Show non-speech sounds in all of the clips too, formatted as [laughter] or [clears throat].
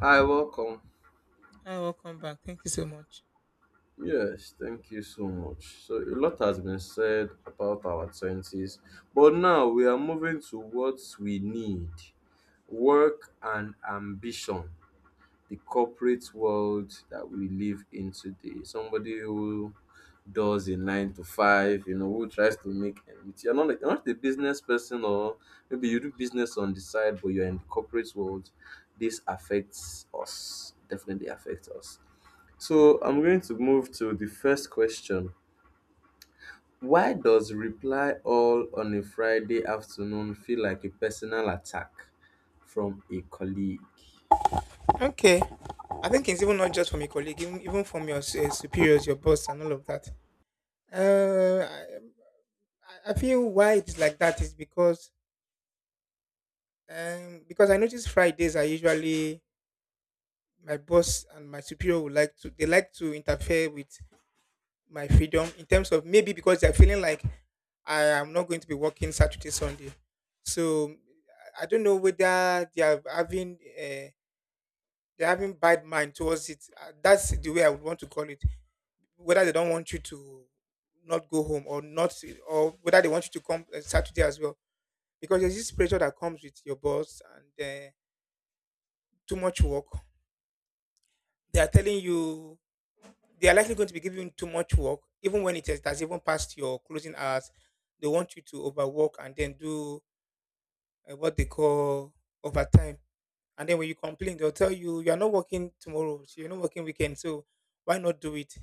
Hi, welcome. Hi, welcome back. Thank you so much. Yes, thank you so much. So, a lot has been said about our 20s, but now we are moving to what we need, work and ambition, the corporate world that we live in today. Somebody who does a nine to five, you know, who tries to make ends. You're not a business person, or maybe you do business on the side, but you're in the corporate world. This affects us, definitely affects us. So I'm going to move to the first question. Why does reply all on a Friday afternoon feel like a personal attack from a colleague? Okay. I think it's even not just from your colleague, even, from your superiors, your boss, and all of that. Uh, I, I feel why it's like that is because I notice Fridays are usually my boss and my superior would like to they like to interfere with my freedom in terms of maybe because they're feeling like I am not going to be working Saturday Sunday, so I don't know whether they are having. They're having bad mind towards it. That's the way I would want to call it. Whether they don't want you to not go home or not, or whether they want you to come Saturday as well, because there's this pressure that comes with your boss and too much work. They are telling you they are likely going to be giving you too much work, even when it has even passed your closing hours. They want you to overwork and then do what they call overtime. And then when you complain, they'll tell you you're not working tomorrow, so you're not working weekend, so why not do it?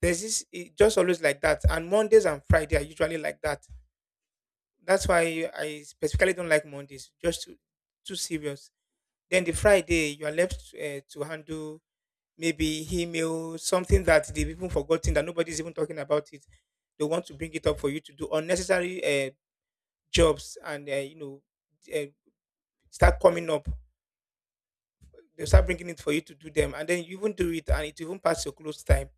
There's this it just always like that. And Mondays and Friday are usually like that. That's why I specifically don't like Mondays, just too serious. Then the Friday, you are left to handle maybe email, something that they've even forgotten that nobody's even talking about it. They want to bring it up for you to do unnecessary jobs and you know uh, start coming up They'll start bringing it for you to do them, and then you even do it, and it even pass your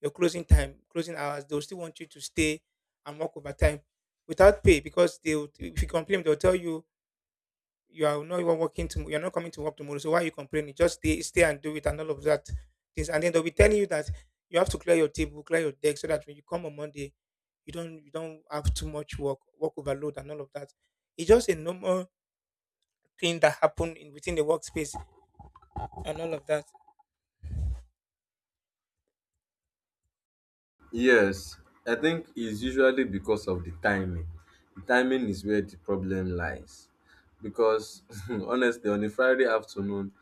your closing time, closing hours. They'll still want you to stay and work overtime without pay because if you complain, they'll tell you you are not even working tomorrow, you're not coming to work tomorrow. So why are you complaining? Just stay and do it, and all of that things. And then they'll be telling you that you have to clear your table, clear your deck, so that when you come on Monday, you don't have too much work, work overload, and all of that. It's just a normal thing that happen in within the workspace and all of that. Yes, I think it's usually because of the timing. The timing is where the problem lies. Because [laughs] honestly, on a Friday afternoon,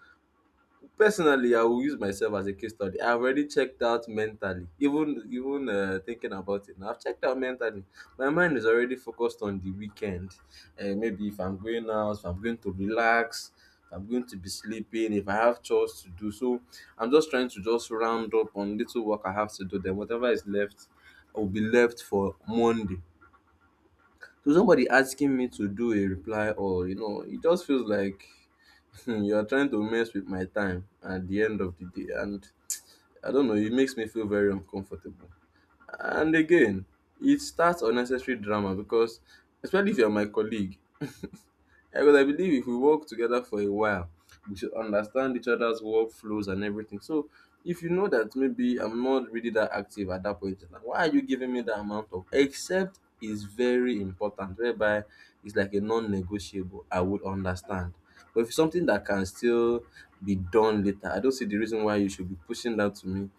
personally, I will use myself as a case study. I've already checked out mentally, even thinking about it. Now, I've checked out mentally. My mind is already focused on the weekend. Maybe if I'm going out, if I'm going to relax, if I'm going to be sleeping, if I have chores to do. So I'm just trying to just round up on little work I have to do. Then whatever is left, will be left for Monday. So somebody asking me to do a reply, or you know, it just feels like, hmm, you are trying to mess with my time at the end of the day, and I don't know, it makes me feel very uncomfortable. And again, it starts unnecessary drama, because especially if you're my colleague. [laughs] Yeah, because I believe if we work together for a while, we should understand each other's workflows and everything. So if you know that maybe I'm not really that active at that point, like, why are you giving me that amount? Of except is very important, whereby it's like a non-negotiable, I would understand. But if it's something that can still be done later, I don't see the reason why you should be pushing that to me,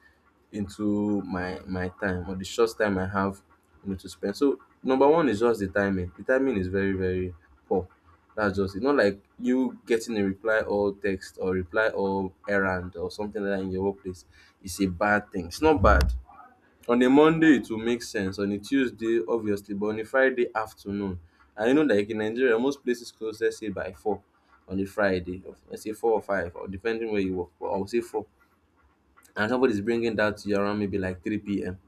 into my time, or the short time I have, you know, to spend. So number one is just the timing. The timing is very, very poor. That's just it. Not like you getting a reply all text or reply all errand or something like that in your workplace. It's a bad thing. It's not bad. On a Monday it will make sense. On a Tuesday obviously, but on a Friday afternoon. And you know, like in Nigeria most places close, let's say by four on a Friday. Or let's say four or five, or depending where you work. But I would say four, and somebody's bringing that to you around maybe like 3 p.m.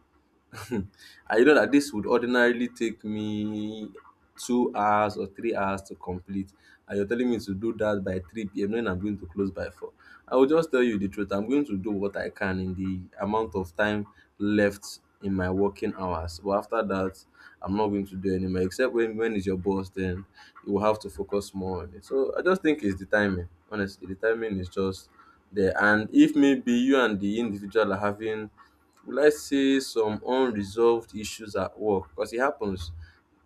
[laughs] I know that this would ordinarily take me 2 hours or 3 hours to complete, and you're telling me to do that by 3 p.m., knowing I'm going to close by 4. I will just tell you the truth. I'm going to do what I can in the amount of time left in my working hours. But after that, I'm not going to do anymore. Except when is your boss, then you will have to focus more on it. So I just think it's the timing. Honestly, the timing is just there. And if maybe you and the individual are having, will I say, some unresolved issues at work? Because it happens.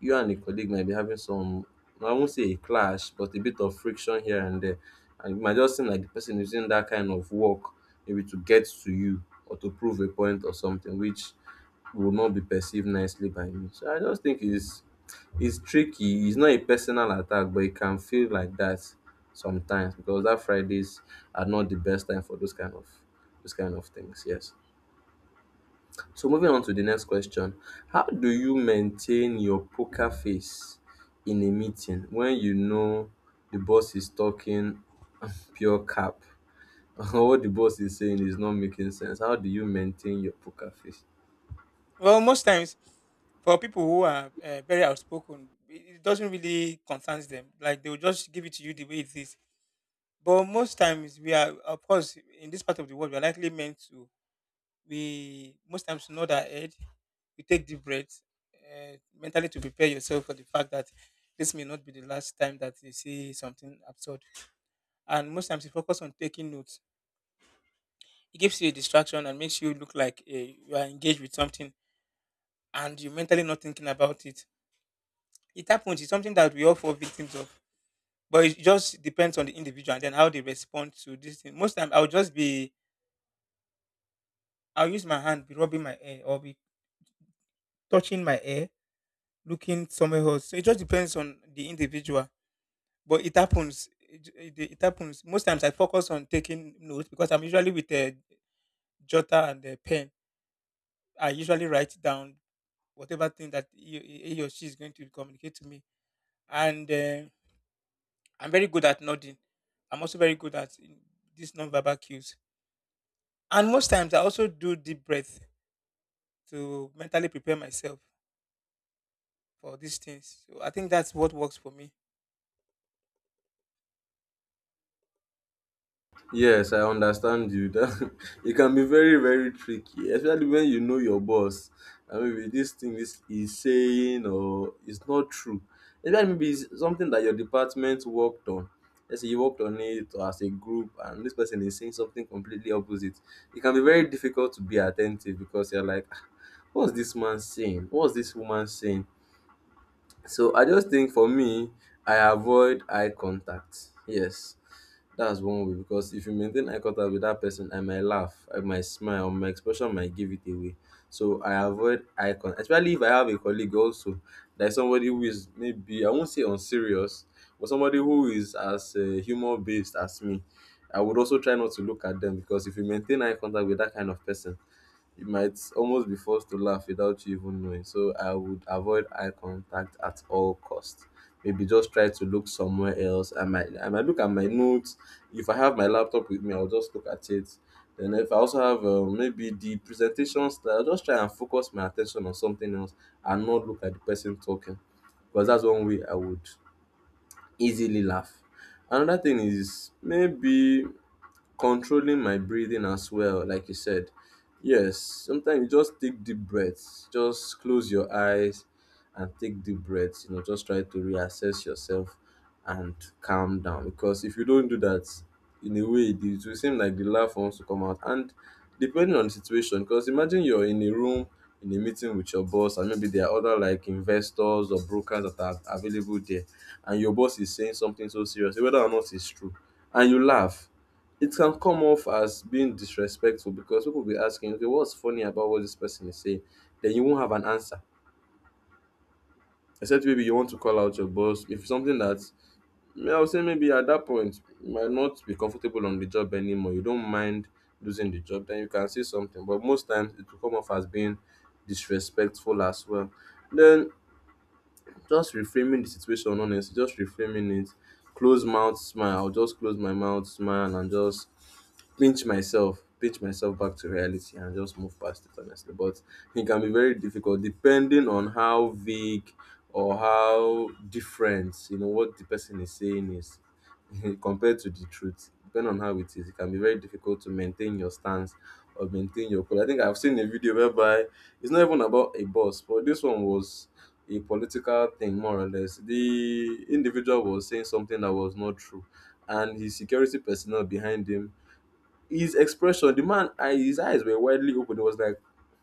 You and a colleague might be having some, I won't say a clash, but a bit of friction here and there. And it might just seem like the person is using that kind of work maybe to get to you or to prove a point or something, which will not be perceived nicely by me. So I just think it's tricky. It's not a personal attack, but it can feel like that sometimes, because that Fridays are not the best time for those kind of things. Yes. So moving on to the next question. How do you maintain your poker face in a meeting when you know the boss is talking pure cap [laughs] or what the boss is saying is not making sense? How do you maintain your poker face? Well, most times for people who are very outspoken, it doesn't really concerns them. Like they will just give it to you the way it is. But most times we are, of course, in this part of the world, we are likely meant to. We most times nod our head, we take deep breaths, mentally to prepare yourself for the fact that this may not be the last time that you see something absurd. And most times you focus on taking notes. It gives you a distraction and makes you look like you are engaged with something, and you're mentally not thinking about it. It happens. It's something that we all fall victims of. But it just depends on the individual and then how they respond to this thing. Most time I'll use my hand, be rubbing my hair or be touching my hair, looking somewhere else. So it just depends on the individual. But it happens. It happens. Most times I focus on taking notes because I'm usually with a jotter and a pen. I usually write down whatever thing that he or she is going to communicate to me. And I'm very good at nodding. I'm also very good at this non-verbal cues. And most times I also do deep breath to mentally prepare myself for these things. So I think that's what works for me. Yes, I understand you. [laughs] That it can be very, very tricky, especially when you know your boss. I mean, with this thing is saying, or it's not true. Especially maybe it's something that your department worked on. Let's say you worked on it or as a group, and this person is saying something completely opposite. It can be very difficult to be attentive because you're like, "Ah, what's this man saying? What's this woman saying?" So I just think for me, I avoid eye contact. Yes. That's one way, because if you maintain eye contact with that person, I might laugh, I might smile, or my expression might give it away. So I avoid eye contact, especially if I have a colleague also that is somebody who is, maybe I won't say unserious, but somebody who is as humor based as me. I would also try not to look at them, because if you maintain eye contact with that kind of person, you might almost be forced to laugh without you even knowing. So I would avoid eye contact at all costs. Maybe just try to look somewhere else. I might look at my notes. If I have my laptop with me, I'll just look at it. Then if I also have maybe the presentation style, I'll just try and focus my attention on something else and not look at the person talking. Because that's one way I would easily laugh. Another thing is maybe controlling my breathing as well, like you said. Yes, sometimes you just take deep breaths. Just close your eyes and take deep breaths. You know, just try to reassess yourself and calm down. Because if you don't do that, in a way, it will seem like the laugh wants to come out. And depending on the situation, because imagine you're in a room in a meeting with your boss, and maybe there are other like investors or brokers that are available there, and your boss is saying something so serious, whether or not it's true, and you laugh, it can come off as being disrespectful, because people will be asking, okay, what's funny about what this person is saying? Then you won't have an answer. Except maybe you want to call out your boss. If something that, may I would say maybe at that point, you might not be comfortable on the job anymore. You don't mind losing the job, then you can say something. But most times it will come off as being disrespectful as well. Then just reframing the situation, honestly, just reframing it. Close mouth smile. I'll just close my mouth, smile, and just pinch myself back to reality and just move past it honestly. But it can be very difficult depending on how vague or how different, you know, what the person is saying is [laughs] compared to the truth. Depending on how it is, it can be very difficult to maintain your stance or maintain your cool. I think I've seen a video whereby it's not even about a boss, but this one was a political thing, more or less. The individual was saying something that was not true, and his security personnel behind him, his expression, the man, I, his eyes were widely open. It was like,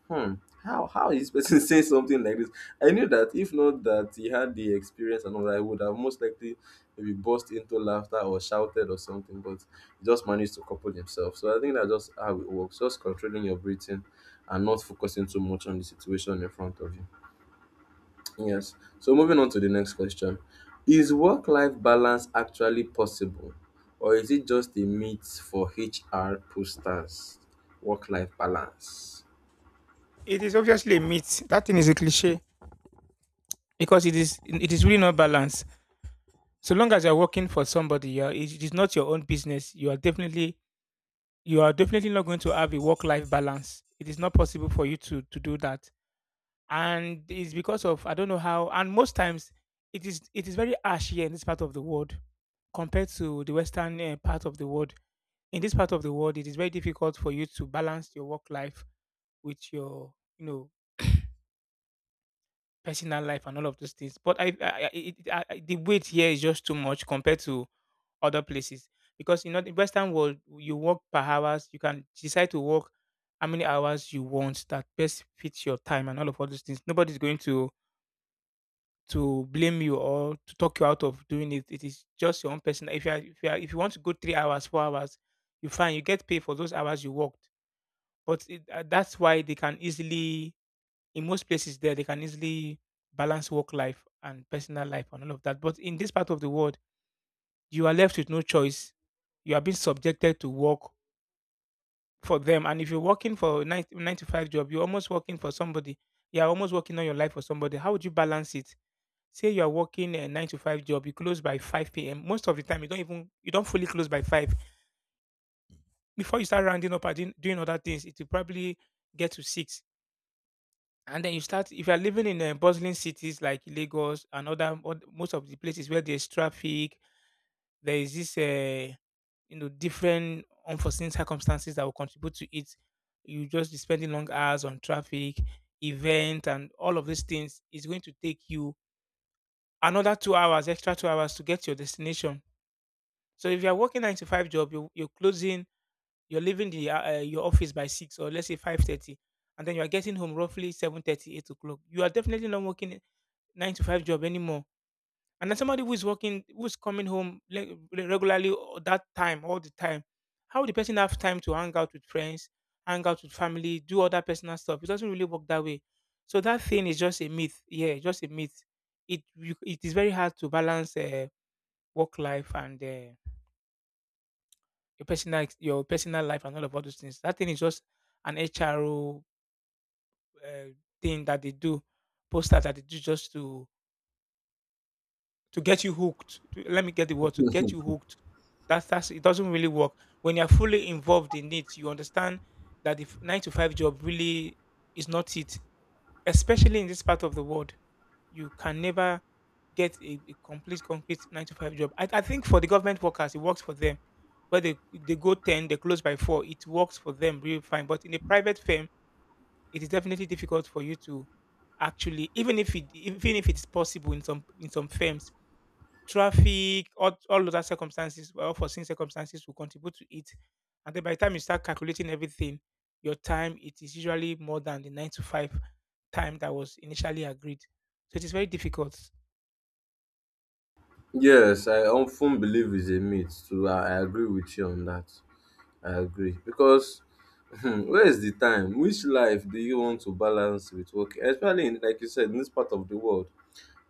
hmm, how is this person [laughs] saying something like this? I knew that if not that he had the experience and all that, I would have most likely maybe burst into laughter or shouted or something. But he just managed to couple himself. So I think that's just how it works. Just controlling your breathing and not focusing too much on the situation in front of you. Yes. So moving on to the next question. Is work life balance actually possible, or is it just a myth for HR posters? Work life balance. It is obviously a myth. That thing is a cliche because it is really not balanced. So long as you're working for somebody, it it is not your own business. You are definitely not going to have a work life balance. It is not possible for you to do that. And it's because of I don't know how. And most times, it is very harsh here in this part of the world compared to the western part of the world. In this part of the world, it is very difficult for you to balance your work life with your you know [coughs] personal life and all of those things. But I it, it- I- the weight here is just too much compared to other places because you know the Western world you work per hours. You can decide to work how many hours you want that best fits your time and all of all those things. Nobody's going to blame you or to talk you out of doing it. It is just your own personal. If you want to go 3 hours, 4 hours, You get paid for those hours you worked. But that's why they can easily, in most places, there they can easily balance work life and personal life and all of that. But in this part of the world, you are left with no choice. You are being subjected to work for them, and if you're working for a 9 to 5 job, you're almost working for somebody. You're almost working on your life for somebody. How would you balance it? Say you are working a 9 to 5 job, you close by 5 p.m. Most of the time, you don't fully close by 5. Before you start rounding up and doing other things, it will probably get to 6. And then you start if you are living in bustling cities like Lagos and most of the places where there's traffic, there is this you know different unforeseen circumstances that will contribute to it. You just be spending long hours on traffic, event, and all of these things is going to take you another 2 hours, extra 2 hours to get to your destination. So if you're working 9 to 5 job, you're closing, you're leaving the your office by 6 or let's say 5:30, and then you are getting home roughly 7:30, 8 o'clock. You are definitely not working 9 to 5 job anymore. And then somebody who is working, who's coming home regularly or that time, all the time, how would the person have time to hang out with friends, hang out with family, do other personal stuff? It doesn't really work that way. So that thing is just a myth. Yeah, just a myth. It is very hard to balance work life and your your personal life and all of all those things. That thing is just an HRO uh, thing that they do, posters that they do just to get you hooked. To, let me get the word, to get you hooked. That's it doesn't really work when you're fully involved in it. You understand that the nine to five job really is not it. Especially in this part of the world, you can never get a complete concrete nine to five job. I think for the government workers, it works for them. Where they go 10, they close by 4, it works for them really fine. But in a private firm, it is definitely difficult for you to actually, even if it's possible in some firms traffic, all other circumstances, well, unforeseen circumstances will contribute to it. And then by the time you start calculating everything, your time it is usually more than the 9 to 5 time that was initially agreed. So it is very difficult. Yes, I often believe it's a myth too. I agree with you on that. I agree. Because, hmm, where is the time? Which life do you want to balance with work? Especially in, like you said, in this part of the world.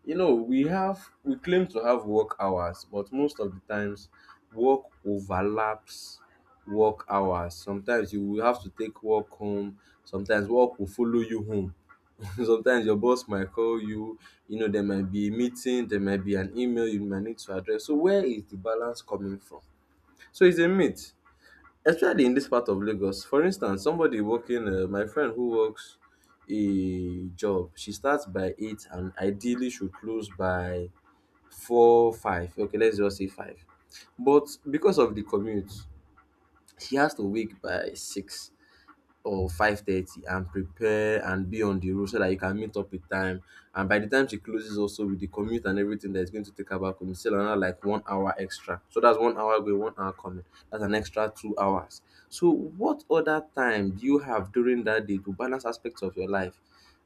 You know, we claim to have work hours, but most of the times work overlaps work hours. Sometimes you will have to take work home, sometimes work will follow you home. [laughs] Sometimes your boss might call you, you know, there might be a meeting, there might be an email you might need to address. So where is the balance coming from? So it's a myth, especially in this part of Lagos. For instance, somebody working, my friend who works a job, she starts by 8 and ideally should close by four, five, okay, let's just say five. But because of the commute, she has to wake by 6 or 5:30 and prepare and be on the road so that you can meet up with time. And by the time she closes, also with the commute and everything that is going to take her back home, it's still another like 1 hour extra. So that's 1 hour going, 1 hour coming. That's an extra 2 hours. So what other time do you have during that day to balance aspects of your life?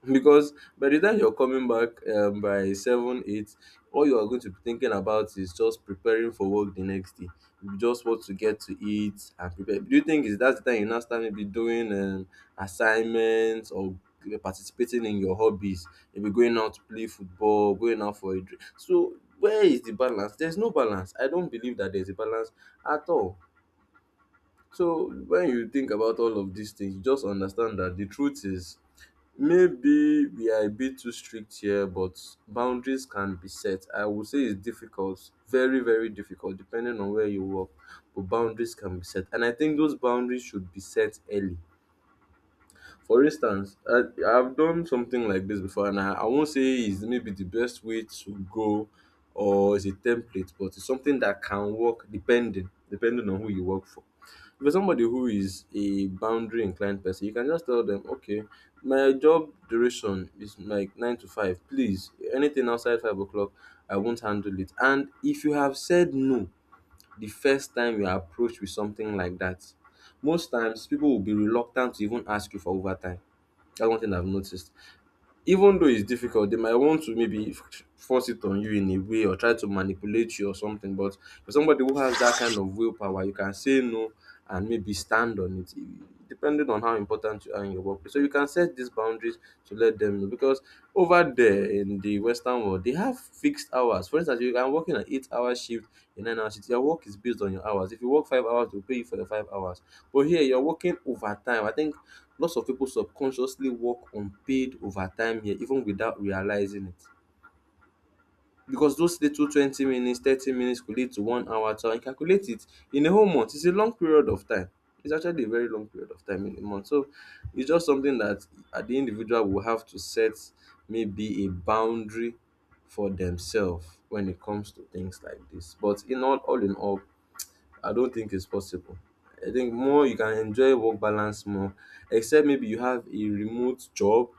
Because by the time you're coming back by 7, 8, all you are going to be thinking about is just preparing for work the next day. You just want to get to eat and prepare. Do you think, is that the time you now start maybe doing assignments or participating in your hobbies, maybe going out to play football, going out for a drink? So where is the balance? There's no balance. I don't believe that there's a balance at all. So when you think about all of these things, you just understand that the truth is, maybe we are a bit too strict here, but boundaries can be set. I would say it's difficult, very, very difficult, depending on where you work. But boundaries can be set. And I think those boundaries should be set early. For instance, I've done something like this before, and I won't say it's maybe the best way to go or it's a template, but it's something that can work depending on who you work for. For somebody who is a boundary inclined person, you can just tell them, okay, my job duration is like nine to five. Please, anything outside 5 o'clock, I won't handle it. And if you have said no the first time you are approached with something like that, most times people will be reluctant to even ask you for overtime. That's one thing I've noticed. Even though it's difficult, they might want to maybe force it on you in a way or try to manipulate you or something. But for somebody who has that kind of willpower, you can say no and maybe stand on it, depending on how important you are in your workplace. So you can set these boundaries to let them know. Because over there in the western world, they have fixed hours. For instance, you can work in an 8 hour shift, a 9 hour shift. Your work is based on your hours. If you work 5 hours, they'll pay you for the 5 hours. But here you're working overtime. I think lots of people subconsciously work unpaid overtime here even without realizing it, because those little 20 minutes, 30 minutes could lead to 1 hour. So I calculate it, in a whole month it's a long period of time. It's actually a very long period of time in a month. So it's just something that at the individual will have to set maybe a boundary for themselves when it comes to things like this. But in all in all, I don't think it's possible. I think more you can enjoy work balance more, except maybe you have a remote job,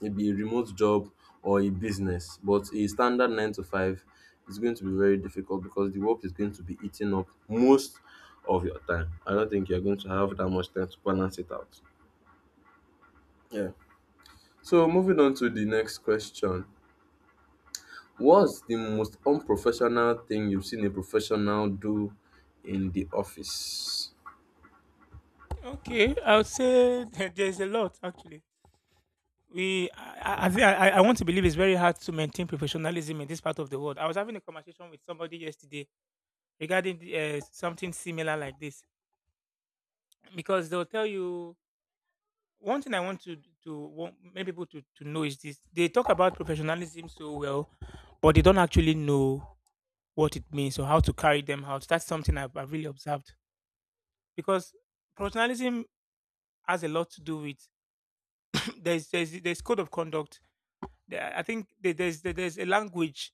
maybe a remote job or a business. But a standard nine to five is going to be very difficult because the work is going to be eating up most of your time. I don't think you're going to have that much time to balance it out. Yeah. So moving on to the next question. What's the most unprofessional thing you've seen a professional do in the office? Okay, I would say [laughs] there's a lot actually. We, I, think- I want to believe it's very hard to maintain professionalism in this part of the world. I was having a conversation with somebody yesterday regarding something similar like this because they'll tell you one thing I want to want many people to know is this: they talk about professionalism so well, but they don't actually know what it means or how to carry them out. That's something I've really observed because professionalism has a lot to do with [clears throat] there's code of conduct. I think there's a language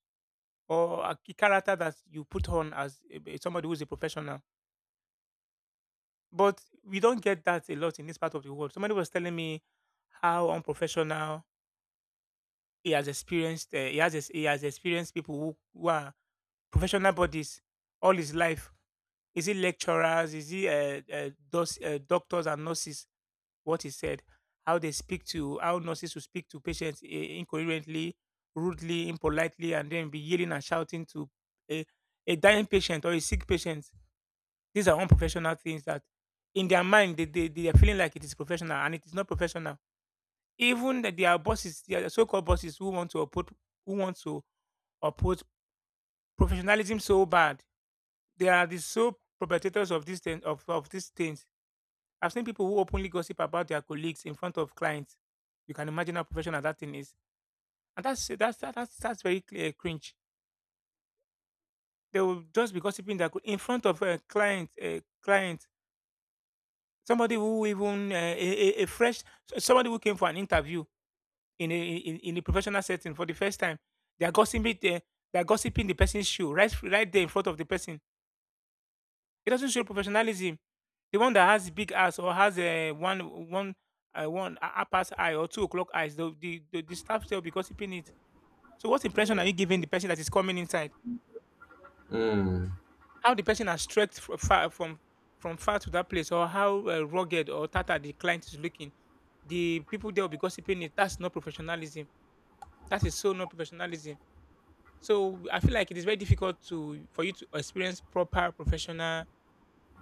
or a character that you put on as somebody who's a professional, but we don't get that a lot in this part of the world. Somebody was telling me how unprofessional he has experienced he has experienced people who are professional bodies all his life. Is he lecturers? Is he doctors and nurses? What he said, how they speak to how nurses will speak to patients incoherently, rudely, impolitely, and then be yelling and shouting to a, a dying patient or a sick patient. These are unprofessional things that, in their mind, they are feeling like it is professional and it is not professional even that there are bosses, there are so-called bosses who want to uphold who want to uphold professionalism so bad. They are the sole perpetrators of this thing of these things. I've seen people who openly gossip about their colleagues in front of clients. You can imagine how professional that thing is, and that's very clear cringe. They will just be gossiping that in front of a client, somebody who even a fresh somebody who came for an interview in in a professional setting for the first time. They are gossiping there. They are gossiping the person's shoe right there in front of the person. It doesn't show professionalism. The one that has big ass or has a one one one a- half past eye or 2 o'clock eyes, the staff still be gossiping it. So what impression are you giving the person that is coming inside? Hmm. How the person has stretched far from far to that place, or how rugged or tattered the client is looking? The people there will be gossiping it. That's not professionalism. That is so not professionalism. So I feel like it is very difficult to for you to experience proper professional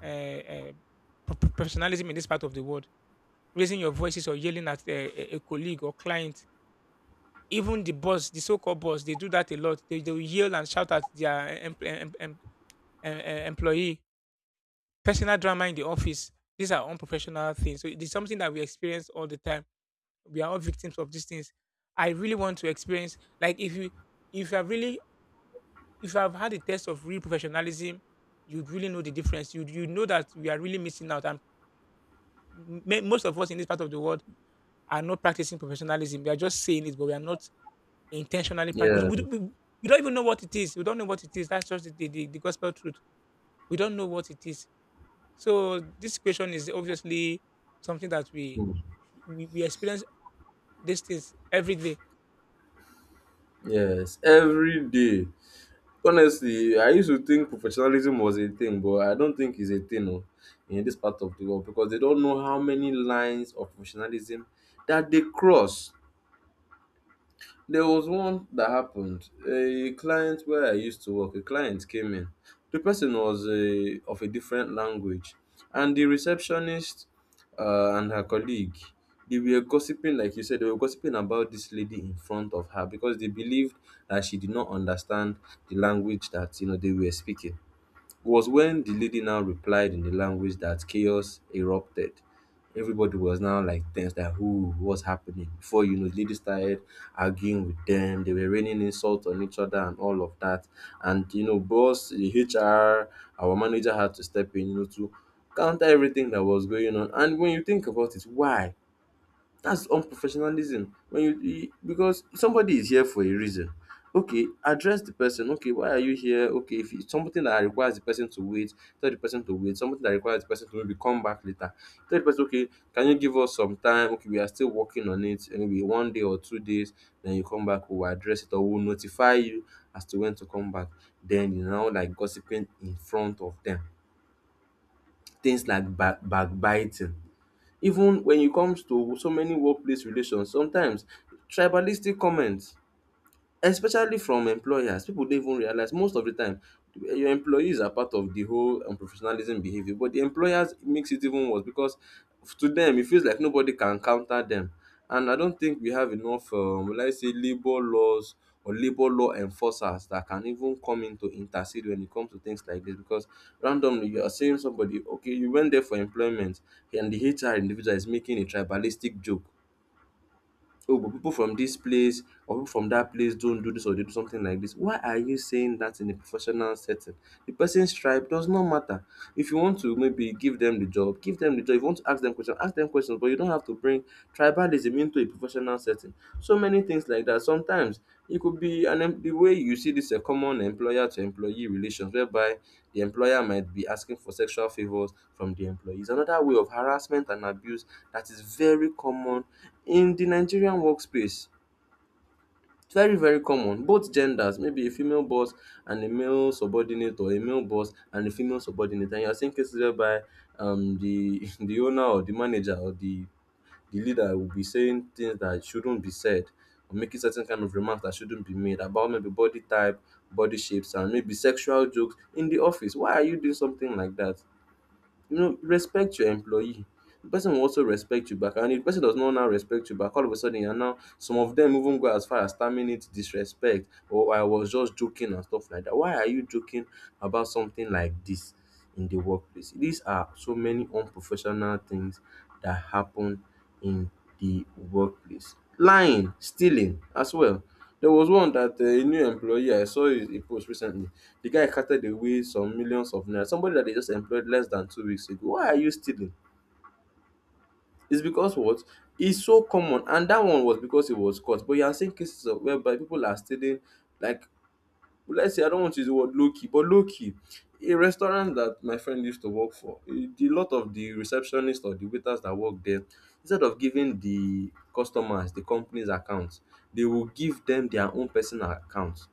uh, uh, professionalism in this part of the world. Raising your voices or yelling at a colleague or client, even the boss, the so-called boss, they do that a lot. They will yell and shout at their employee. Personal drama in the office. These are unprofessional things. So it is something that we experience all the time. We are all victims of these things. I really want to experience like if you are really if you have had a test of real professionalism, you'd really know the difference. You know that we are really missing out, and most of us in this part of the world are not practicing professionalism. We are just saying it, but we are not intentionally practicing. Yeah. We don't even know what it is. We don't know what it is. That's just the gospel truth. We don't know what it is. So this question is obviously something that Hmm. We experience these things every day. Yes, every day. Honestly, I used to think professionalism was a thing, but I don't think it's a thing, oh, in this part of the world, because they don't know how many lines of professionalism that they cross. There was one that happened. A client where I used to work, a client came in. The person was a, of a different language, and the receptionist and her colleague, they were gossiping, like you said, they were gossiping about this lady in front of her because they believed that she did not understand the language that, you know, they were speaking. Was when the lady now replied in the language that chaos erupted. Everybody was now like tense, that who, what's happening? Before you know, the lady started arguing with them. They were raining insults on each other and all of that. And you know, boss, the HR, our manager had to step in, you know, to counter everything that was going on. And when you think about it, why? That's unprofessionalism. When you, because somebody is here for a reason. Okay, address the person. Okay, why are you here? Okay, if it's something that requires the person to wait, tell the person to wait. Something that requires the person to maybe come back later. Tell the person, okay, can you give us some time? Okay, we are still working on it. And maybe 1 day or 2 days, then you come back, we'll address it or we'll notify you as to when to come back. Then you know, like gossiping in front of them. Things like backbiting, even when it comes to so many workplace relations, sometimes tribalistic comments, especially from employers. People don't even realize most of the time your employees are part of the whole unprofessionalism behavior, but the employers makes it even worse because to them it feels like nobody can counter them. And I don't think we have enough, let's say, labor laws or labor law enforcers that can even come in to intercede when it comes to things like this. Because randomly you are saying somebody, okay, you went there for employment and the HR individual is making a tribalistic joke. Oh, but people from this place or people from that place don't do this or they do something like this. Why are you saying that in a professional setting? The person's tribe does not matter. If you want to maybe give them the job, give them the job. If you want to ask them questions, but you don't have to bring tribalism into a professional setting. So many things like that. Sometimes it could be the way you see this, a common employer to employee relations, whereby the employer might be asking for sexual favors from the employees. Another way of harassment and abuse that is very common in the Nigerian workspace. It's very, very common. Both genders, maybe a female boss and a male subordinate, or a male boss and a female subordinate, and you're seeing cases whereby the [laughs] the owner or the manager or the leader will be saying things that shouldn't be said, or making certain kind of remarks that shouldn't be made about maybe body type, body shapes, and maybe sexual jokes in the office. Why are you doing something like that? You know, respect your employee. The person will also respect you back. And if the person does not now respect you back, all of a sudden you're now, some of them even go as far as terminate, disrespect, or I was just joking and stuff like that. Why are you joking about something like this in the workplace? These are so many unprofessional things that happen in the workplace. Lying, stealing as well. There was one that a new employee, I saw a post recently, the guy carted away some millions of naira. Somebody that they just employed less than 2 weeks ago. Why are you stealing? It's because what? It's so common. And that one was because it was caught. But you are seeing cases of whereby people are stealing, like, let's say, I don't want to use the word low key, but low key. A restaurant that my friend used to work for, a the lot of the receptionists or the waiters that work there, instead of giving the customers the company's accounts, they will give them their own personal accounts.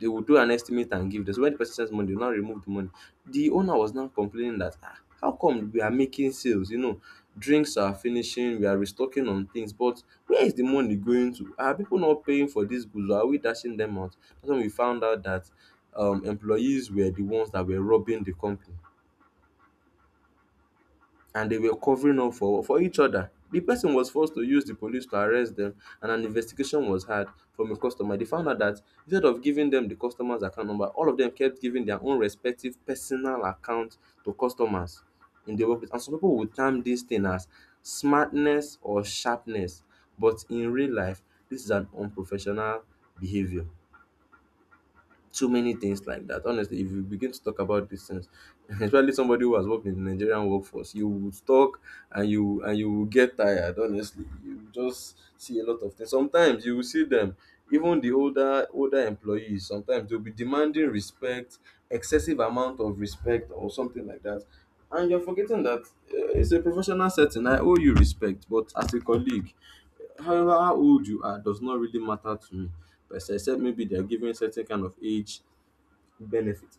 They would do an estimate and give this. When the person sends money, they will now remove the money. The owner was now complaining that, ah, how come we are making sales? You know, drinks are finishing, we are restocking on things, but where is the money going to? Are people not paying for these goods? Or are we dashing them out? That's when we found out that employees were the ones that were robbing the company and they were covering up for each other. The person was forced to use the police to arrest them, and an investigation was had. From a customer, they found out that instead of giving them the customer's account number, all of them kept giving their own respective personal account to customers in the workplace. And some people would term this thing as smartness or sharpness. But in real life, this is an unprofessional behavior. Too many things like that. Honestly, if you begin to talk about these things, [laughs] especially somebody who has worked in the Nigerian workforce, you would talk and you will get tired. Honestly, you will just see a lot of things. Sometimes you will see them, even the older employees. Sometimes they'll be demanding respect, excessive amount of respect, or something like that. And you're forgetting that it's a professional setting. I owe you respect, but as a colleague, however how old you are does not really matter to me. But except maybe they're giving certain kind of age benefit.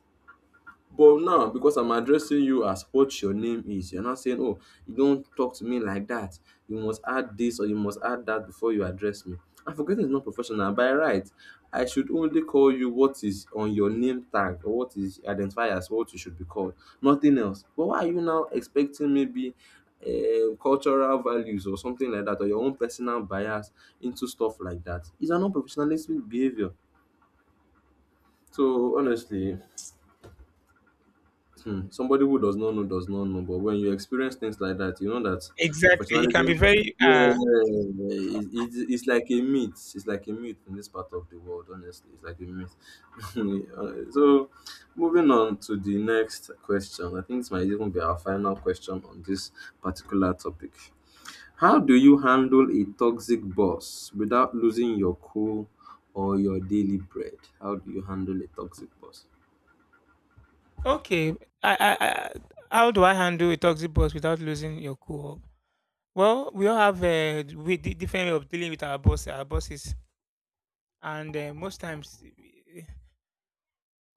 But now because I'm addressing you as what your name is, you're not saying, "Oh, you don't talk to me like that. You must add this or you must add that before you address me." And forgetting is not professional. By right, I should only call you what is on your name tag or what is identified as what you should be called, nothing else. But why are you now expecting maybe cultural values or something like that or your own personal bias into stuff like that? It's an unprofessionalistic behavior. So honestly, Hmm, somebody who does not know, but when you experience things like that, you know that Exactly. It can professionalism, be very yeah, it's like a myth. It's like a myth in this part of the world, honestly. It's like a myth. [laughs] Uh, so, Moving on to the next question. I think this might even be our final question on this particular topic. How do you handle a toxic boss without losing your cool or your daily bread? How do you handle a toxic boss? okay. I how do I handle a toxic boss without losing your cool? Well, we all have different way of dealing with our bosses, and most times eh,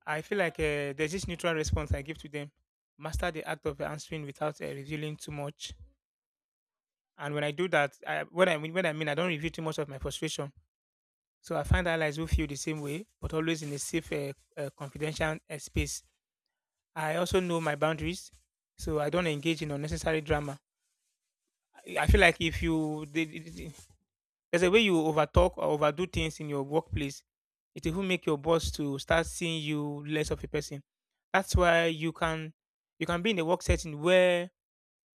I feel like there's this neutral response I give to them. Master the act of answering without revealing too much. And when I do that, I, what I mean, I don't reveal too much of my frustration. So I find allies who feel the same way, but always in a safe, confidential space. I also know my boundaries, so I don't engage in unnecessary drama. I feel like if you did. There's a way you overtalk or overdo things in your workplace. It will make your boss to start seeing you less of a person. That's why you can be in a work setting where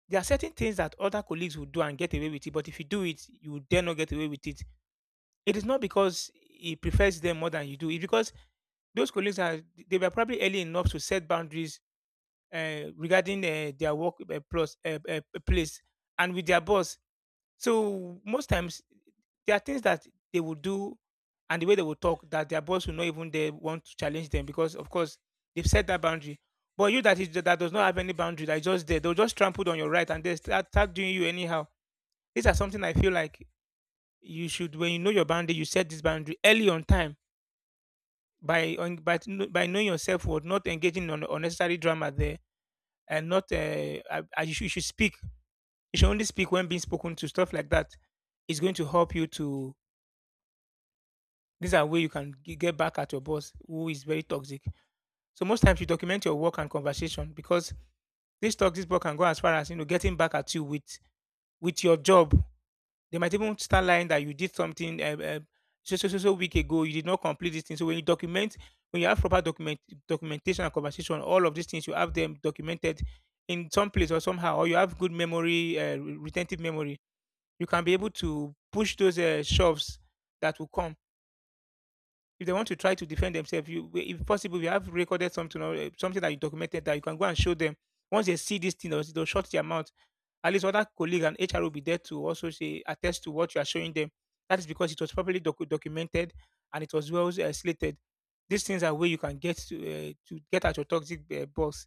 there are certain things that other colleagues will do and get away with it. But if you do it, you will dare not get away with it. It is not because he prefers them more than you do. It's because those colleagues are they were probably early enough to set boundaries regarding their work plus place and with their boss, so most times there are things that they will do and the way they will talk that their boss will not even they want to challenge them because of course they've set that boundary. But you that is that does not have any boundary, that is just there, they'll just trample on your right and they start doing you anyhow. These are something I feel like you should when you know your boundary, you set this boundary early on time by on, by kn- by knowing yourself what not engaging on unnecessary drama there and not you should speak. You should only speak when being spoken to, stuff like that is going to help you to. These are way you can get back at your boss who is very toxic. So most times you document your work and conversation because this toxic boss can go as far as you know getting back at you with your job. They might even start lying that you did something so week ago you did not complete this thing. So when you document, when you have proper documentation and conversation, all of these things you have them documented in some place or somehow, or you have good memory, retentive memory, you can be able to push those shoves that will come. If they want to try to defend themselves, if possible, we have recorded something or something that you documented that you can go and show them. Once they see this thing, they'll shut their mouth. At least other colleague and HR will be there to also say attest to what you are showing them. That is because it was properly documented and it was well slated. These things are where you can get to get at your toxic boss.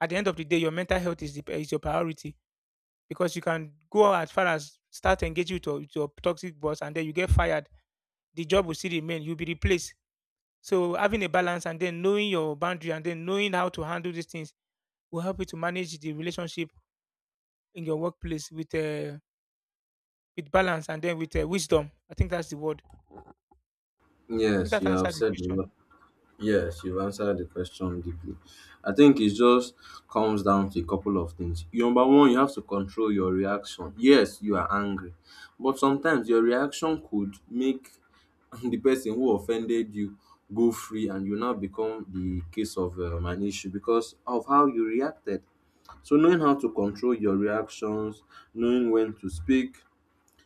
At the end of the day, your mental health is is your priority because you can go as far as start engaging with with your toxic boss and then you get fired. The job will still remain. You'll be replaced. So having a balance and then knowing your boundary and then knowing how to handle these things will help you to manage the relationship in your workplace with balance and then with wisdom. I think that's the word. I think Yes, that you have answers the said a question. lot. Yes, you've answered the question deeply. I think it just comes down to a couple of things. Number one, you have to control your reaction. Yes, you are angry, but sometimes your reaction could make [laughs] the person who offended you go free and you now become the case of an issue because of how you reacted. So, knowing how to control your reactions, knowing when to speak,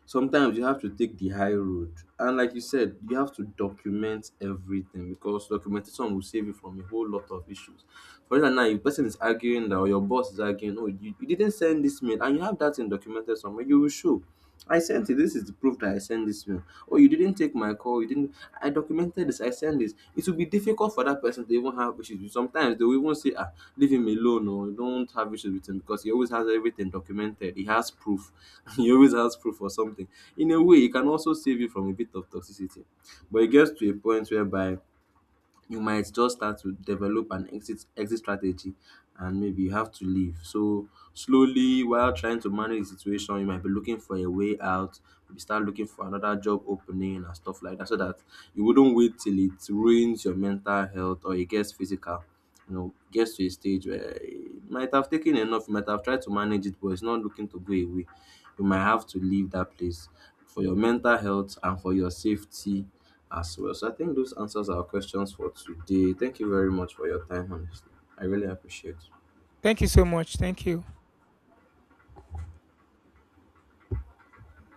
sometimes you have to take the high road, and like you said, you have to document everything, because documentation will save you from a whole lot of issues. For instance, now, if person is arguing that, or your boss is arguing, "Oh, you didn't send this mail," and you have that in documented somewhere, you will show, "I sent it. This is the proof that I sent this mail. Oh, you didn't take my call. You didn't. I documented this. I sent this." It will be difficult for that person to even have issues with. Sometimes they will even say, "Ah, leave him alone, or don't have issues with him because he always has everything documented. He has proof." [laughs] He always has proof or something. In a way, it can also save you from a bit of toxicity. But it gets to a point whereby you might just start to develop an exit strategy, and maybe you have to leave. So slowly, while trying to manage the situation, you might be looking for a way out, maybe start looking for another job opening and stuff like that, so that you wouldn't wait till it ruins your mental health or it gets physical. You know, gets to a stage where you might have taken enough, you might have tried to manage it, but it's not looking to go away. You might have to leave that place for your mental health and for your safety as well. So I think those answers are our questions for today. Thank you very much for your time, honestly. I really appreciate Thank you so much. Thank you.